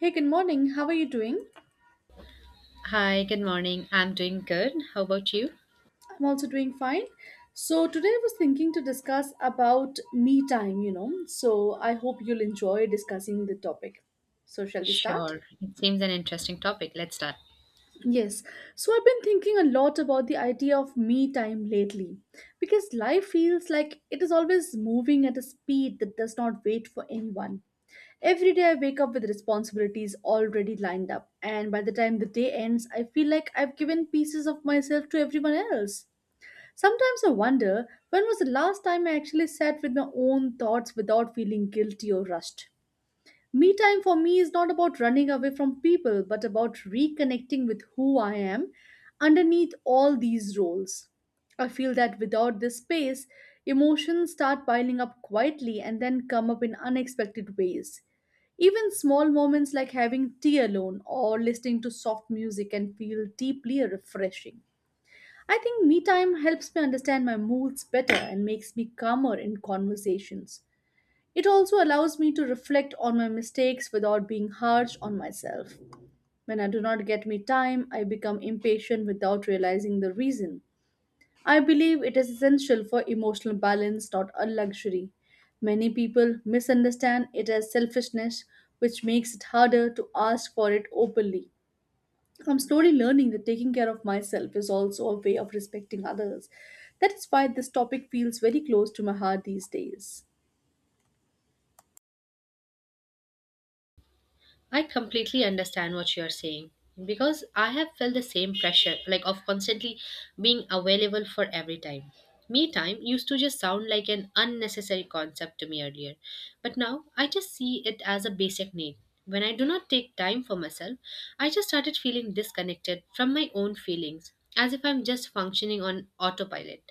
Hey, good morning. How are you doing? Hi, good morning. I'm doing good. How about you? I'm also doing fine. So today I was thinking to discuss about me time, you know. So I hope you'll enjoy discussing the topic. So shall we start? Sure. It seems an interesting topic. Let's start. Yes. So I've been thinking a lot about the idea of me time lately because life feels like it is always moving at a speed that does not wait for anyone. Every day I wake up with responsibilities already lined up, and by the time the day ends, I feel like I've given pieces of myself to everyone else. Sometimes I wonder when was the last time I actually sat with my own thoughts without feeling guilty or rushed. Me time for me is not about running away from people but about reconnecting with who I am underneath all these roles. I feel that without this space, emotions start piling up quietly and then come up in unexpected ways. Even small moments like having tea alone or listening to soft music can feel deeply refreshing. I think me time helps me understand my moods better and makes me calmer in conversations. It also allows me to reflect on my mistakes without being harsh on myself. When I do not get me time, I become impatient without realizing the reason. I believe it is essential for emotional balance, not a luxury. Many people misunderstand it as selfishness, which makes it harder to ask for it openly. I'm slowly learning that taking care of myself is also a way of respecting others. That is why this topic feels very close to my heart these days. I completely understand what you're saying because I have felt the same pressure, like of constantly being available for every time. Me time used to just sound like an unnecessary concept to me earlier, but now I just see it as a basic need. When I do not take time for myself, I just started feeling disconnected from my own feelings, as if I'm just functioning on autopilot.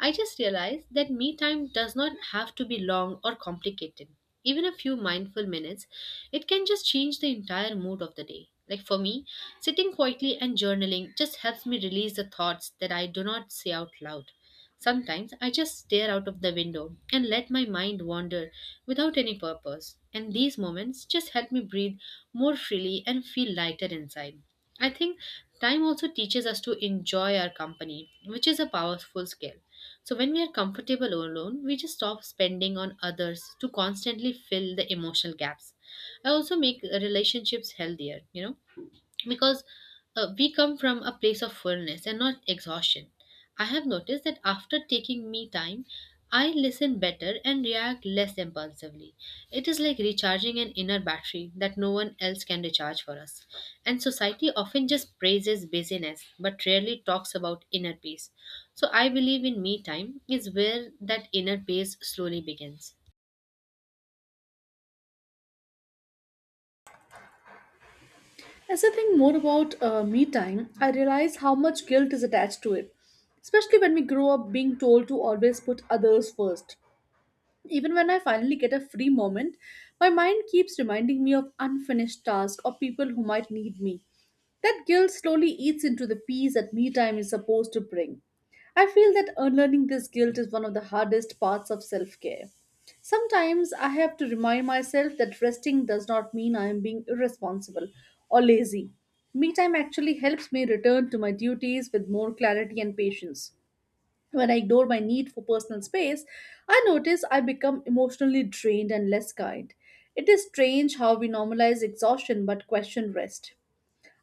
I just realized that me time does not have to be long or complicated. Even a few mindful minutes it can just change the entire mood of the day. Like for me, sitting quietly and journaling just helps me release the thoughts that I do not say out loud. Sometimes I just stare out of the window and let my mind wander without any purpose, and these moments just help me breathe more freely and feel lighter inside. I think time also teaches us to enjoy our company, which is a powerful skill. So when we are comfortable alone, we just stop spending on others to constantly fill the emotional gaps. I also make relationships healthier, you know because we come from a place of fullness and not exhaustion. I have noticed that after taking me time, I listen better and react less impulsively. It is like recharging an inner battery that no one else can recharge for us. And society often just praises busyness but rarely talks about inner peace. So I believe in me time is where that inner peace slowly begins. As I think more about me time, I realize how much guilt is attached to it, especially when we grow up being told to always put others first. Even when I finally get a free moment, my mind keeps reminding me of unfinished tasks or people who might need me. That guilt slowly eats into the peace that me time is supposed to bring. I feel that unlearning this guilt is one of the hardest parts of self care. Sometimes I have to remind myself that resting does not mean I am being irresponsible or lazy. Me time actually helps me return to my duties with more clarity and patience. When I ignore my need for personal space, I notice I become emotionally drained and less kind. It is strange how we normalize exhaustion but question rest.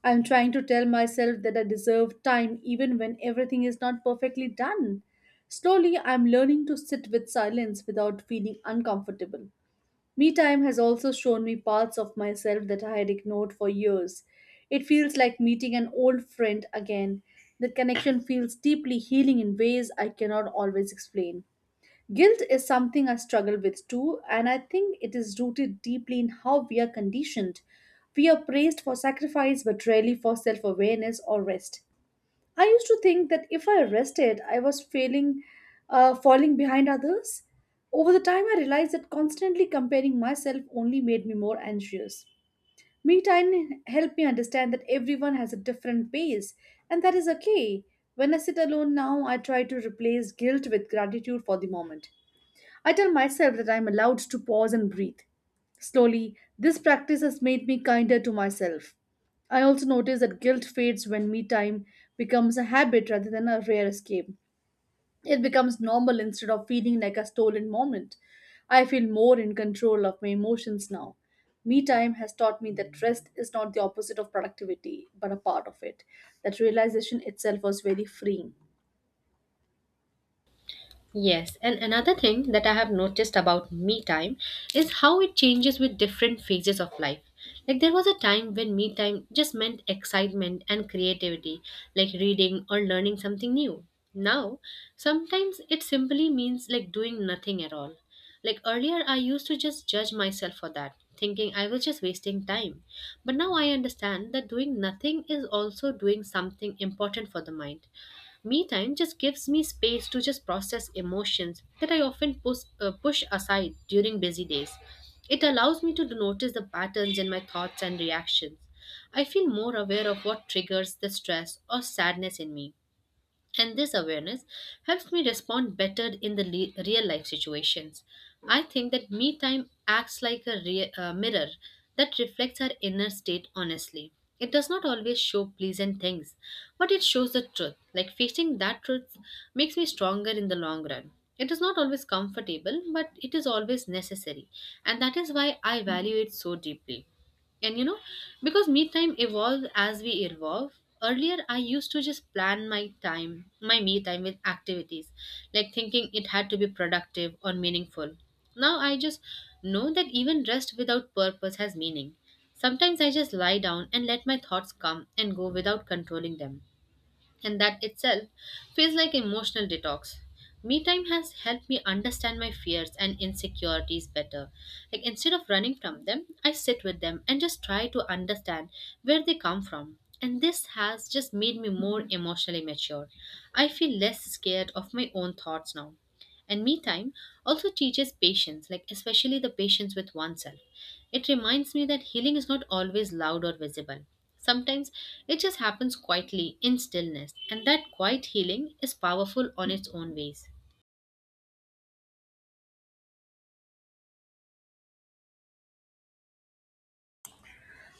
I am trying to tell myself that I deserve time even when everything is not perfectly done. Slowly, I am learning to sit with silence without feeling uncomfortable. Me time has also shown me parts of myself that I had ignored for years. It feels like meeting an old friend again. The connection feels deeply healing in ways I cannot always explain. Guilt is something I struggle with too, and I think it is rooted deeply in how we are conditioned. We are praised for sacrifice but rarely for self awareness or rest. I used to think that if I rested, I was failing, falling behind others. Over the time, I realized that constantly comparing myself only made me more anxious. Me time helped me understand that everyone has a different pace, and that is okay. When I sit alone now, I try to replace guilt with gratitude for the moment. I tell myself that I am allowed to pause and breathe. Slowly, this practice has made me kinder to myself. I also notice that guilt fades when me time becomes a habit rather than a rare escape. It becomes normal instead of feeling like a stolen moment. I feel more in control of my emotions now. Me time has taught me that rest is not the opposite of productivity, but a part of it. That realization itself was very freeing. Yes, and another thing that I have noticed about me time is how it changes with different phases of life. Like there was a time when me time just meant excitement and creativity, like reading or learning something new. Now, sometimes it simply means like doing nothing at all. Like earlier, I used to just judge myself for that, thinking I was just wasting time. But now I understand that doing nothing is also doing something important for the mind. Me time just gives me space to just process emotions that I often push aside during busy days. It allows me to notice the patterns in my thoughts and reactions. I feel more aware of what triggers the stress or sadness in me. And this awareness helps me respond better in the real life situations. I think that me time acts like a mirror that reflects our inner state honestly. It does not always show pleasant things, but it shows the truth. Like facing that truth makes me stronger in the long run. It is not always comfortable, but it is always necessary. And that is why I value it so deeply. And you know, because me time evolves as we evolve, earlier I used to just plan my time, my me time with activities, like thinking it had to be productive or meaningful. Now I just know that even rest without purpose has meaning. Sometimes I just lie down and let my thoughts come and go without controlling them and that itself feels like emotional detox. Me time has helped me understand my fears and insecurities better. Like instead of running from them, I sit with them and just try to understand where they come from. And this has just made me more emotionally mature. I feel less scared of my own thoughts now. And me time also teaches patience, like especially the patience with oneself. It reminds me that healing is not always loud or visible. Sometimes it just happens quietly in stillness, and that quiet healing is powerful on its own ways.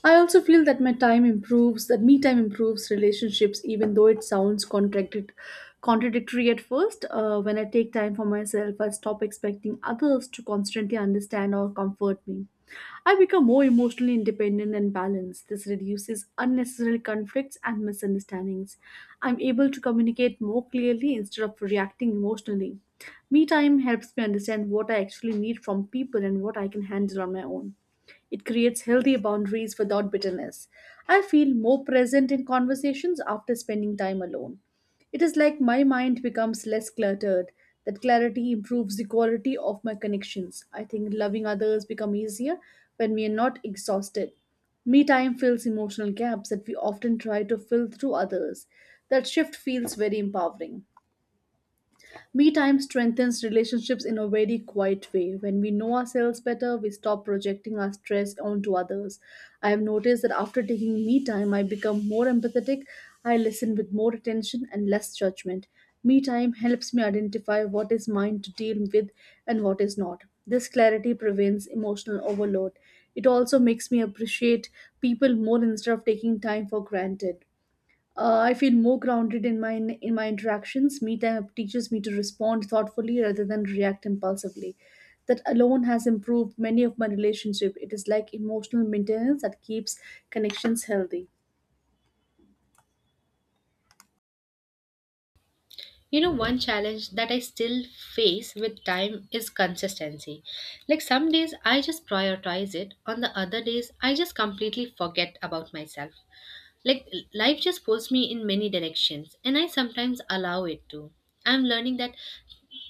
I also feel that that me time improves relationships, even though it sounds contradictory at first. When I take time for myself, I stop expecting others to constantly understand or comfort me. I become more emotionally independent and balanced. This reduces unnecessary conflicts and misunderstandings. I'm able to communicate more clearly instead of reacting emotionally. Me time helps me understand what I actually need from people and what I can handle on my own. It creates healthy boundaries without bitterness. I feel more present in conversations after spending time alone. It is like my mind becomes less cluttered. That clarity improves the quality of my connections. I think loving others become easier when we are not exhausted. Me time fills emotional gaps that we often try to fill through others. That shift feels very empowering. Me time strengthens relationships in a very quiet way. When we know ourselves better, we stop projecting our stress onto others. I have noticed that after taking me time, I become more empathetic, I listen with more attention and less judgment. Me time helps me identify what is mine to deal with and what is not. This clarity prevents emotional overload. It also makes me appreciate people more instead of taking time for granted. I feel more grounded in my interactions. Me time teaches me to respond thoughtfully rather than react impulsively. That alone has improved many of my relationships. It is like emotional maintenance that keeps connections healthy. You know, one challenge that I still face with time is consistency. Like some days I just prioritize it, on the other days I just completely forget about myself. Like life just pulls me in many directions, and I sometimes allow it to. I'm learning that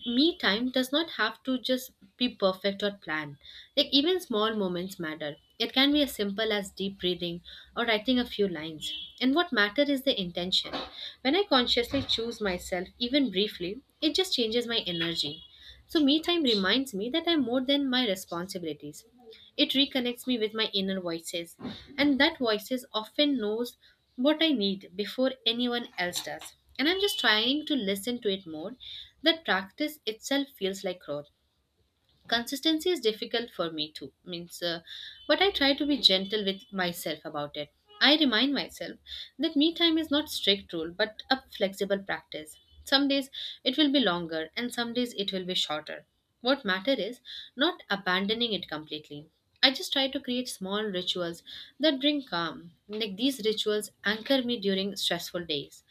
me time does not have to just be perfect or planned. Like even small moments matter. It can be as simple as deep breathing or writing a few lines. And what matters is the intention. When I consciously choose myself, even briefly, it just changes my energy. So me time reminds me that I'm more than my responsibilities. It reconnects me with my inner voices, and that voices often knows what I need before anyone else does. And I'm just trying to listen to it more. That practice itself feels like growth consistency is difficult for me too means but I try to be gentle with myself about it. I remind myself that me time is not strict rule but a flexible practice. Some days it will be longer and some days it will be shorter. What matter is not abandoning it completely. I just try to create small rituals that bring calm, like these rituals anchor me during stressful days.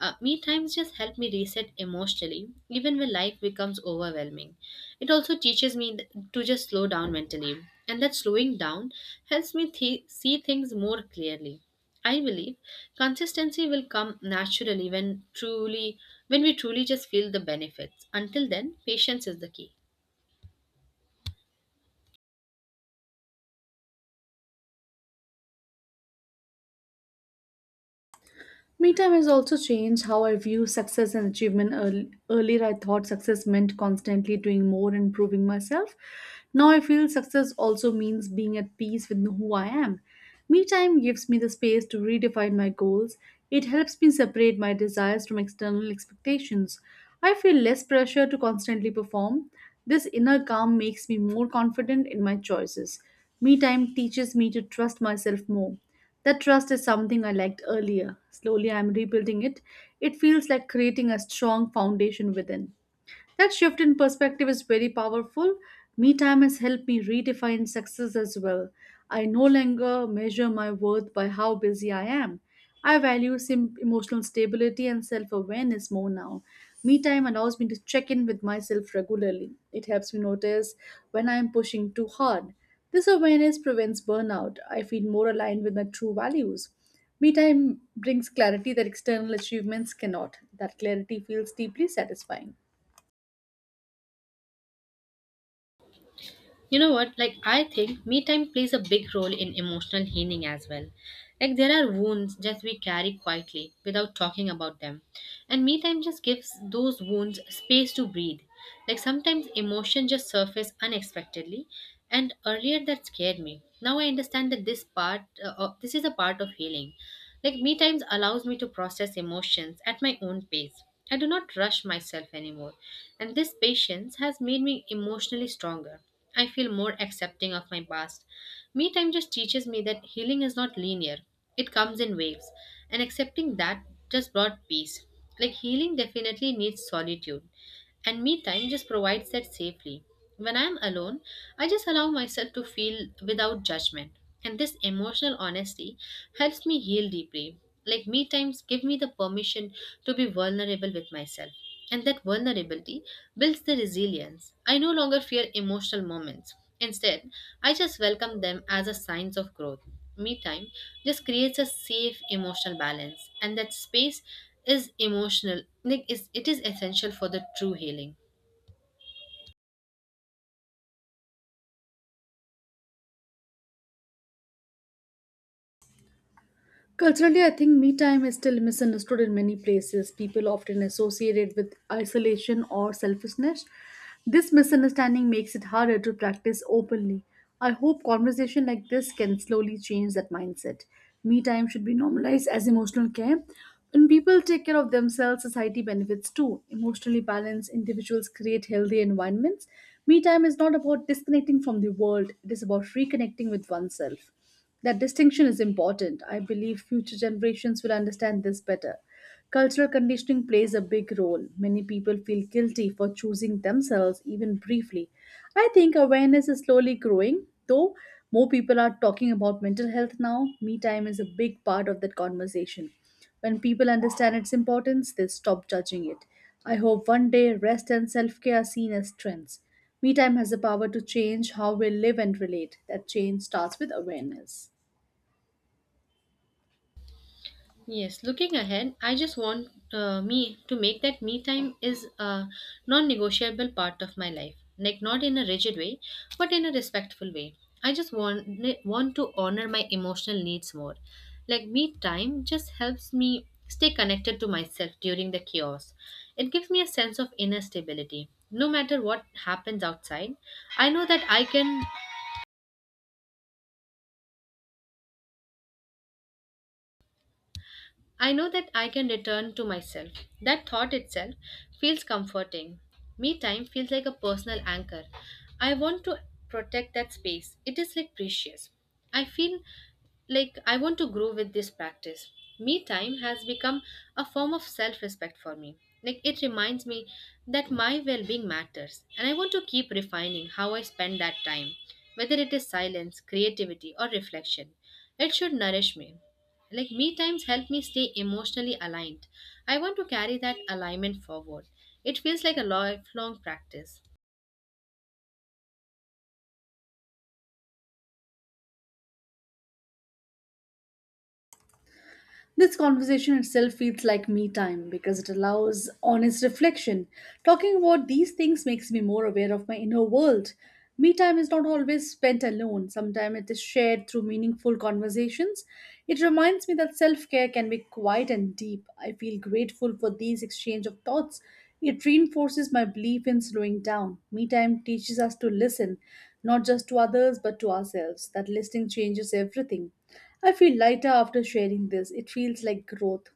Me times just help me reset emotionally, even when life becomes overwhelming. It also teaches me to just slow down mentally, and that slowing down helps me see things more clearly. I believe consistency will come naturally when truly when we truly just feel the benefits. Until then, patience is the key. Me time has also changed how I view success and achievement. Earlier, I thought success meant constantly doing more and proving myself. Now, I feel success also means being at peace with who I am. Me time gives me the space to redefine my goals. It helps me separate my desires from external expectations. I feel less pressure to constantly perform. This inner calm makes me more confident in my choices. Me time teaches me to trust myself more. That trust is something I lacked earlier. Slowly, I'm rebuilding it. It feels like creating a strong foundation within. That shift in perspective is very powerful. Me time has helped me redefine success as well. I no longer measure my worth by how busy I am. I value emotional stability and self awareness more now. Me time allows me to check in with myself regularly. It helps me notice when I am pushing too hard. This awareness prevents burnout. I feel more aligned with my true values. Me time brings clarity that external achievements cannot. That clarity feels deeply satisfying. You know what? Like, I think me time plays a big role in emotional healing as well. Like, there are wounds that we carry quietly without talking about them. And me time just gives those wounds space to breathe. Like, sometimes emotion just surface unexpectedly. And earlier that scared me. Now I understand that this this is a part of healing. Like, me times allows me to process emotions at my own pace. I do not rush myself anymore. And this patience has made me emotionally stronger. I feel more accepting of my past. Me time just teaches me that healing is not linear, it comes in waves, and accepting that just brought peace. Like healing definitely needs solitude, and me time just provides that safely. When I'm alone, I just allow myself to feel without judgment. And this emotional honesty helps me heal deeply. Like me times give me the permission to be vulnerable with myself. And that vulnerability builds the resilience. I no longer fear emotional moments. Instead, I just welcome them as a signs of growth. Me time just creates a safe emotional balance and that space is emotional like is it is essential for the true healing. Culturally, I think me time is still misunderstood in many places. People often associate it with isolation or selfishness. This misunderstanding makes it harder to practice openly. I hope conversation like this can slowly change that mindset. Me time should be normalized as emotional care. When people take care of themselves, society benefits too. Emotionally balanced individuals create healthy environments. Me time is not about disconnecting from the world, it is about reconnecting with oneself. That distinction is important. I believe future generations will understand this better. Cultural conditioning plays a big role. Many people feel guilty for choosing themselves, even briefly. I think awareness is slowly growing, though more people are talking about mental health now. Me time is a big part of that conversation. When people understand its importance, they stop judging it. I hope one day rest and self care are seen as trends. Me time has the power to change how we live and relate. That change starts with awareness. Yes, looking ahead, I just want me to make that me time is a non-negotiable part of my life. Like not in a rigid way, but in a respectful way. I just want to honor my emotional needs more. Like me time just helps me stay connected to myself during the chaos. It gives me a sense of inner stability. No matter what happens outside, I know that I can I know that I can return to myself. That thought itself feels comforting. Me time feels like a personal anchor. I want to protect that space. It is like precious. I feel like I want to grow with this practice. Me time has become a form of self respect for me. Like it reminds me that my well being matters, and I want to keep refining how I spend that time, whether it is silence, creativity, or reflection. It should nourish me. Like me times help me stay emotionally aligned. I want to carry that alignment forward. It feels like a lifelong practice. This conversation itself feels like me time because it allows honest reflection. Talking about these things makes me more aware of my inner world. Me time is not always spent alone, sometimes it is shared through meaningful conversations. It reminds me that self care can be quiet and deep. I feel grateful for these exchange of thoughts. It reinforces my belief in slowing down. Me time teaches us to listen not just to others but to ourselves. That listening changes everything. I feel lighter after sharing this. It feels like growth.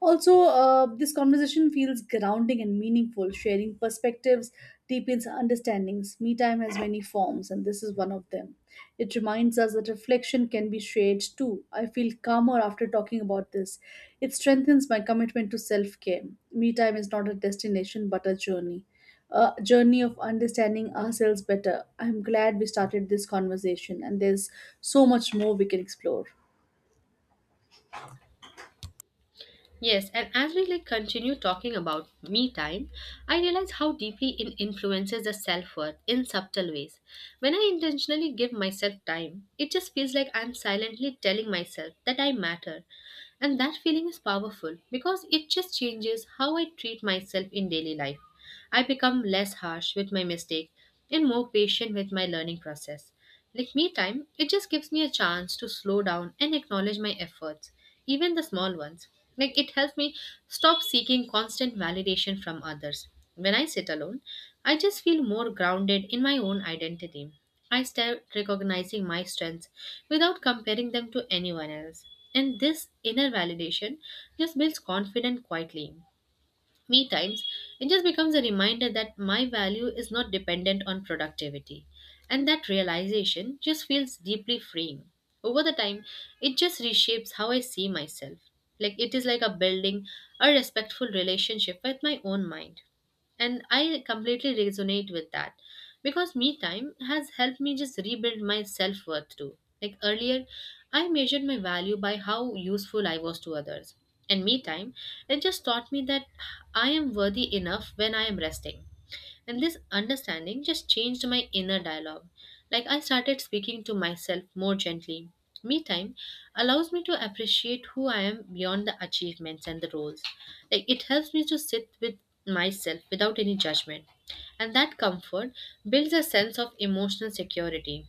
Also, this conversation feels grounding and meaningful. Sharing perspectives deepens understandings. Me time has many forms, and this is one of them. It reminds us that reflection can be shared too. I feel calmer after talking about this. It strengthens my commitment to self care. Me time is not a destination but a journey. A journey of understanding ourselves better. I'm glad we started this conversation, and there's so much more we can explore. Yes, and as we like continue talking about me time, I realize how deeply it influences the self-worth in subtle ways. When I intentionally give myself time, it just feels like I'm silently telling myself that I matter. And that feeling is powerful because it just changes how I treat myself in daily life. I become less harsh with my mistake and more patient with my learning process. Like me time, it just gives me a chance to slow down and acknowledge my efforts, even the small ones. Like it helps me stop seeking constant validation from others. When I sit alone, I just feel more grounded in my own identity. I start recognizing my strengths without comparing them to anyone else. And this inner validation just builds confidence quietly. Me times, it just becomes a reminder that my value is not dependent on productivity. And that realization just feels deeply freeing. Over the time, it just reshapes how I see myself. Like it is like a building a respectful relationship with my own mind. And I completely resonate with that because me time has helped me just rebuild my self worth too. Like earlier, I measured my value by how useful I was to others. And me time, it just taught me that I am worthy enough when I am resting. And this understanding just changed my inner dialogue. Like I started speaking to myself more gently. Me time allows me to appreciate who I am beyond the achievements and the roles. Like it helps me to sit with myself without any judgment. And that comfort builds a sense of emotional security.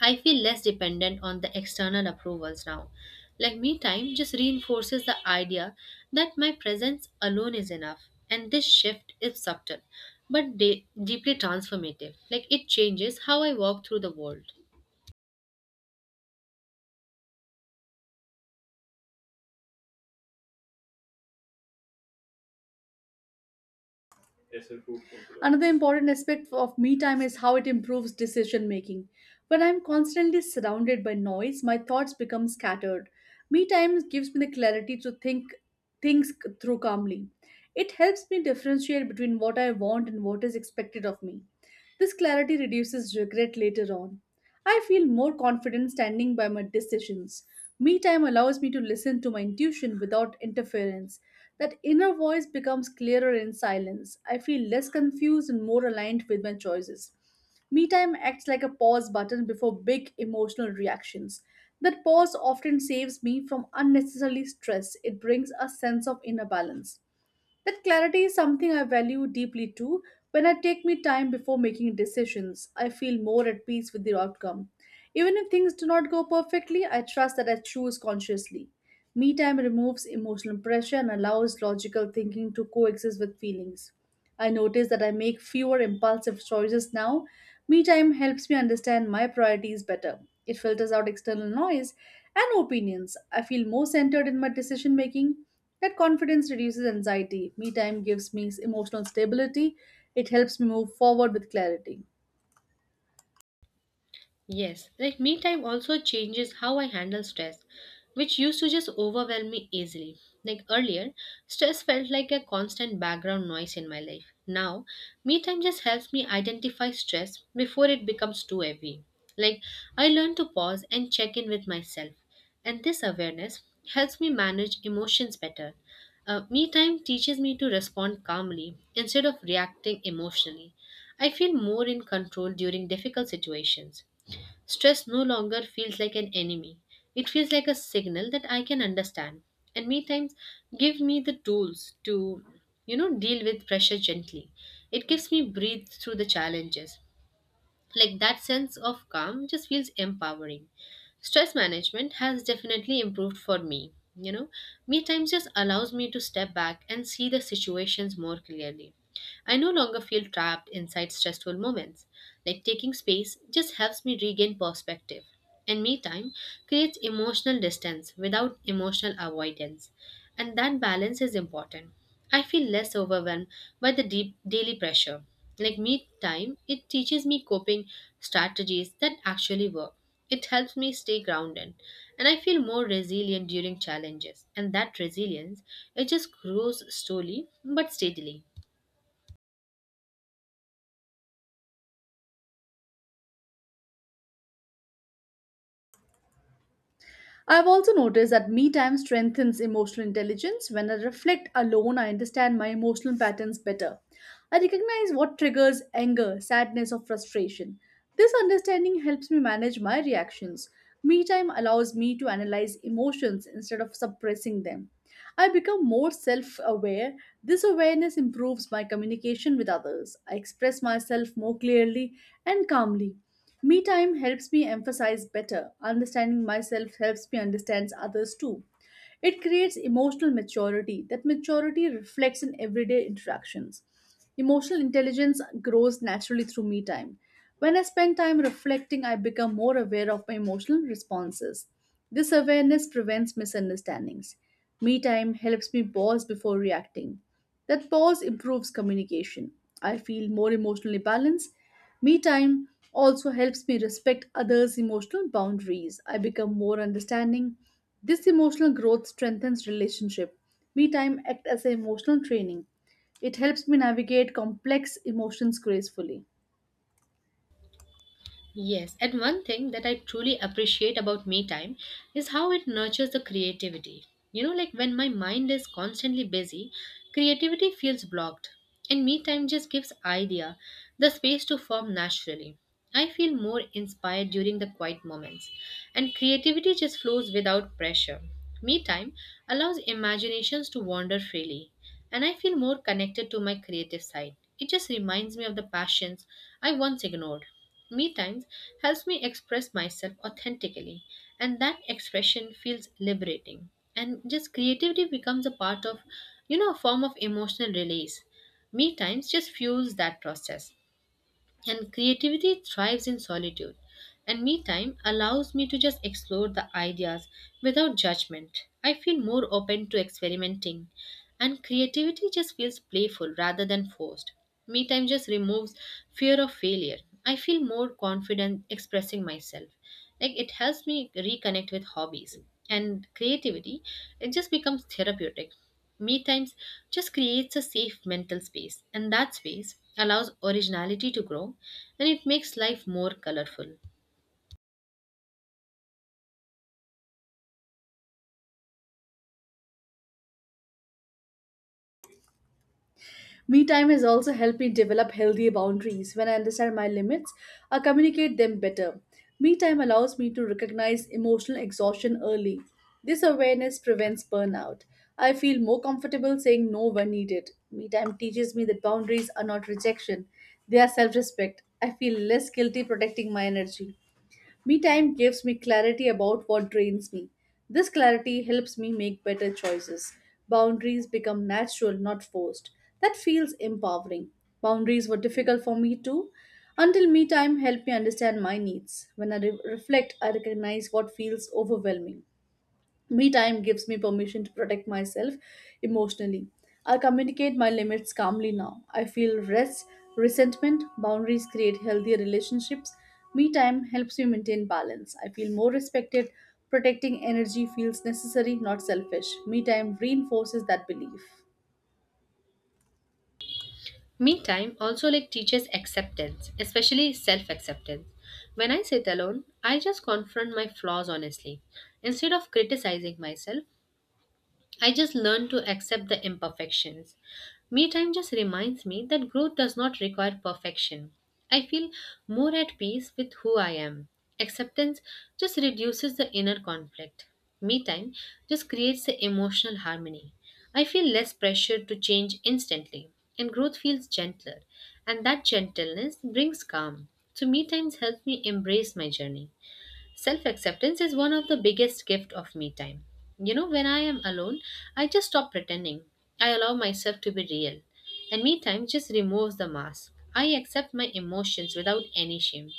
I feel less dependent on the external approvals now. Like me time just reinforces the idea that my presence alone is enough. And this shift is subtle, but deeply transformative. Like it changes how I walk through the world. Another important aspect of me time is how it improves decision making. When I'm constantly surrounded by noise, my thoughts become scattered. Me time gives me the clarity to think things through calmly. It helps me differentiate between what I want and what is expected of me. This clarity reduces regret later on. I feel more confident standing by my decisions. Me time allows me to listen to my intuition without interference. That inner voice becomes clearer in silence. I feel less confused and more aligned with my choices. Me time acts like a pause button before big emotional reactions. That pause often saves me from unnecessary stress. It brings a sense of inner balance. That clarity is something I value deeply too. When I take me time before making decisions, I feel more at peace with the outcome. Even if things do not go perfectly, I trust that I choose consciously. Me time removes emotional pressure and allows logical thinking to coexist with feelings. I notice that I make fewer impulsive choices now. Me time helps me understand my priorities better. It filters out external noise and opinions. I feel more centered in my decision making. That confidence reduces anxiety. Me time gives me emotional stability. It helps me move forward with clarity. Yes, like me time also changes how I handle stress, which used to just overwhelm me easily. Like earlier, stress felt like a constant background noise in my life. Now, me time just helps me identify stress before it becomes too heavy. Like I learn to pause and check in with myself, and this awareness helps me manage emotions better. Me time teaches me to respond calmly instead of reacting emotionally. I feel more in control during difficult situations. Stress no longer feels like an enemy. It feels like a signal that I can understand. And me times give me the tools to, deal with pressure gently. It gives me breathe through the challenges. Like that sense of calm just feels empowering. Stress management has definitely improved for me. Me time just allows me to step back and see the situations more clearly. I no longer feel trapped inside stressful moments. Like taking space just helps me regain perspective. And me time creates emotional distance without emotional avoidance. And that balance is important. I feel less overwhelmed by the deep daily pressure. Like me time, it teaches me coping strategies that actually work. It helps me stay grounded and I feel more resilient during challenges. And that resilience, it just grows slowly but steadily. I've also noticed that me time strengthens emotional intelligence. When I reflect alone, I understand my emotional patterns better. I recognize what triggers anger, sadness, or frustration. This understanding helps me manage my reactions. Me time allows me to analyze emotions instead of suppressing them. I become more self aware. This awareness improves my communication with others. I express myself more clearly and calmly. Me time helps me emphasize better. Understanding myself helps me understand others too. It creates emotional maturity. That maturity reflects in everyday interactions. Emotional intelligence grows naturally through me time. When I spend time reflecting, I become more aware of my emotional responses. This awareness prevents misunderstandings. Me time helps me pause before reacting. That pause improves communication. I feel more emotionally balanced. Me time also helps me respect others' emotional boundaries. I become more understanding. This emotional growth strengthens relationship. Me time act as a emotional training. It helps me navigate complex emotions gracefully. Yes, and one thing that I truly appreciate about me time is how it nurtures the creativity. Like when my mind is constantly busy, creativity feels blocked, and me time just gives idea the space to form naturally. I feel more inspired during the quiet moments, and creativity just flows without pressure. Me time allows imaginations to wander freely, and I feel more connected to my creative side. It just reminds me of the passions I once ignored. Me times helps me express myself authentically, and that expression feels liberating. And just creativity becomes a part of, a form of emotional release. Me times just fuels that process. And creativity thrives in solitude. And me time allows me to just explore the ideas without judgment. I feel more open to experimenting. And creativity just feels playful rather than forced. Me time just removes fear of failure. I feel more confident expressing myself. Like it helps me reconnect with hobbies. And creativity, it just becomes therapeutic. Me times just creates a safe mental space, and that space allows originality to grow and it makes life more colorful. Me time has also helped me develop healthy boundaries. When I understand my limits, I communicate them better. Me time allows me to recognize emotional exhaustion early. This awareness prevents burnout. I feel more comfortable saying no when needed. Me time teaches me that boundaries are not rejection, they are self respect. I feel less guilty protecting my energy. Me time gives me clarity about what drains me. This clarity helps me make better choices. Boundaries become natural, not forced. That feels empowering. Boundaries were difficult for me too, until me time helped me understand my needs. When I reflect, I recognize what feels overwhelming. Me time gives me permission to protect myself emotionally. I communicate my limits calmly now. I feel rest, resentment, boundaries create healthier relationships. Me time helps me maintain balance. I feel more respected. Protecting energy feels necessary, not selfish. Me time reinforces that belief. Me time also like teaches acceptance, especially self-acceptance. When I sit alone, I just confront my flaws honestly. Instead of criticizing myself, I just learn to accept the imperfections. Me time just reminds me that growth does not require perfection. I feel more at peace with who I am. Acceptance just reduces the inner conflict. Me time just creates the emotional harmony. I feel less pressure to change instantly, and growth feels gentler. And that gentleness brings calm. So, me times helps me embrace my journey. Self acceptance is one of the biggest gift of me time. You know, when I am alone, I just stop pretending. I allow myself to be real. And me time just removes the mask. I accept my emotions without any shame.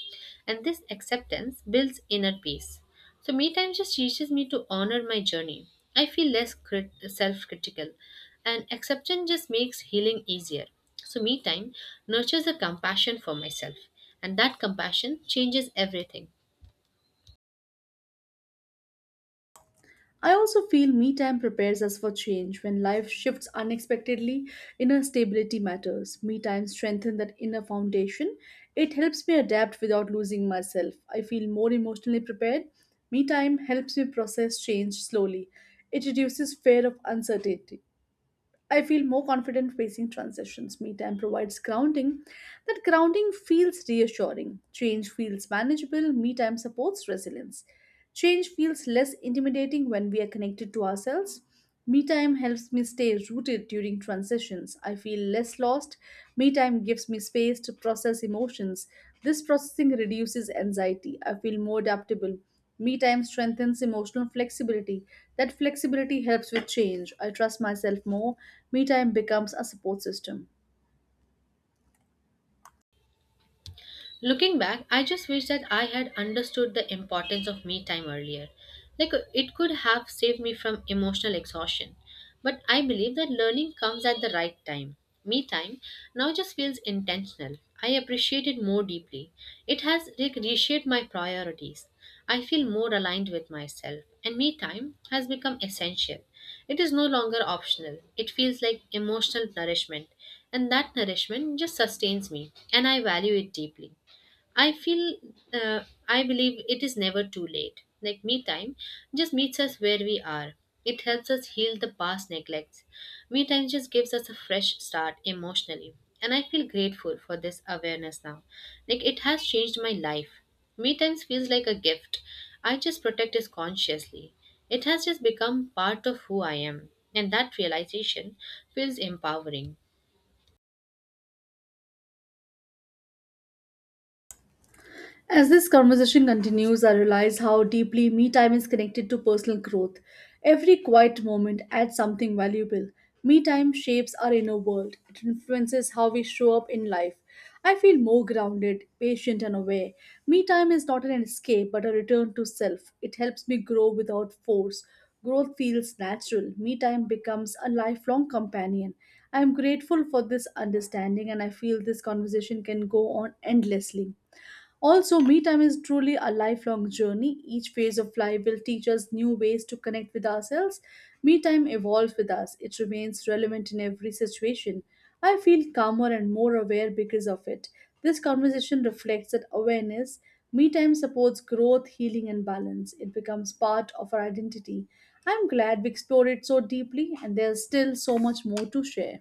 And this acceptance builds inner peace. So me time just teaches me to honor my journey. I feel less self-critical and acceptance just makes healing easier. So me time nurtures a compassion for myself and that compassion changes everything. I also feel me time prepares us for change when life shifts unexpectedly. Inner stability matters. Me time strengthens that inner foundation. It helps me adapt without losing myself. I feel more emotionally prepared. Me time helps me process change slowly. It reduces fear of uncertainty. I feel more confident facing transitions. Me time provides grounding. That grounding feels reassuring. Change feels manageable. Me time supports resilience. Change feels less intimidating when we are connected to ourselves. Me time helps me stay rooted during transitions. I feel less lost. Me time gives me space to process emotions. This processing reduces anxiety. I feel more adaptable. Me time strengthens emotional flexibility. That flexibility helps with change. I trust myself more. Me time becomes a support system. Looking back, I just wish that I had understood the importance of me time earlier. Like it could have saved me from emotional exhaustion. But I believe that learning comes at the right time. Me time now just feels intentional. I appreciate it more deeply. It has like reshaped my priorities. I feel more aligned with myself and me time has become essential. It is no longer optional. It feels like emotional nourishment and that nourishment just sustains me and I value it deeply. I feel, I believe it is never too late. Like me time just meets us where we are. It helps us heal the past neglects. Me time just gives us a fresh start emotionally. And I feel grateful for this awareness now. Like it has changed my life. Me times feels like a gift. I just protect it consciously. It has just become part of who I am. And that realization feels empowering. As this conversation continues, I realize how deeply me time is connected to personal growth. Every quiet moment adds something valuable. Me time shapes our inner world, it influences how we show up in life. I feel more grounded, patient, and aware. Me time is not an escape but a return to self. It helps me grow without force. Growth feels natural. Me time becomes a lifelong companion. I am grateful for this understanding and I feel this conversation can go on endlessly. Also, me time is truly a lifelong journey. Each phase of life will teach us new ways to connect with ourselves. Me time evolves with us, it remains relevant in every situation. I feel calmer and more aware because of it. This conversation reflects that awareness. Me time supports growth, healing, and balance. It becomes part of our identity. I'm glad we explored it so deeply, and there's still so much more to share.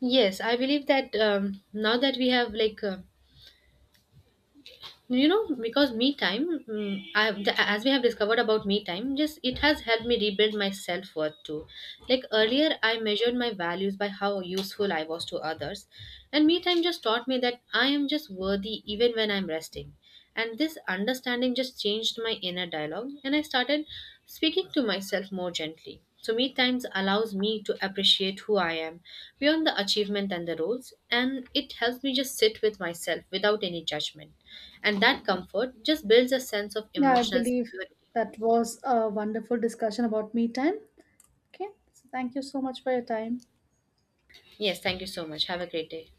Yes, I believe that now that we have like you know because me time mm, I have as we have discovered about me time just it has helped me rebuild my self-worth too like earlier I measured my values by how useful I was to others and me time just taught me that I am just worthy even when I'm resting and this understanding just changed my inner dialogue, and I started speaking to myself more gently. So, me times allows me to appreciate who I am beyond the achievement and the roles, and it helps me just sit with myself without any judgment. And that comfort just builds a sense of Yeah, I emotional believe security. that was a wonderful discussion about me time. Okay, so thank you so much for your time. Yes, thank you so much. Have a great day.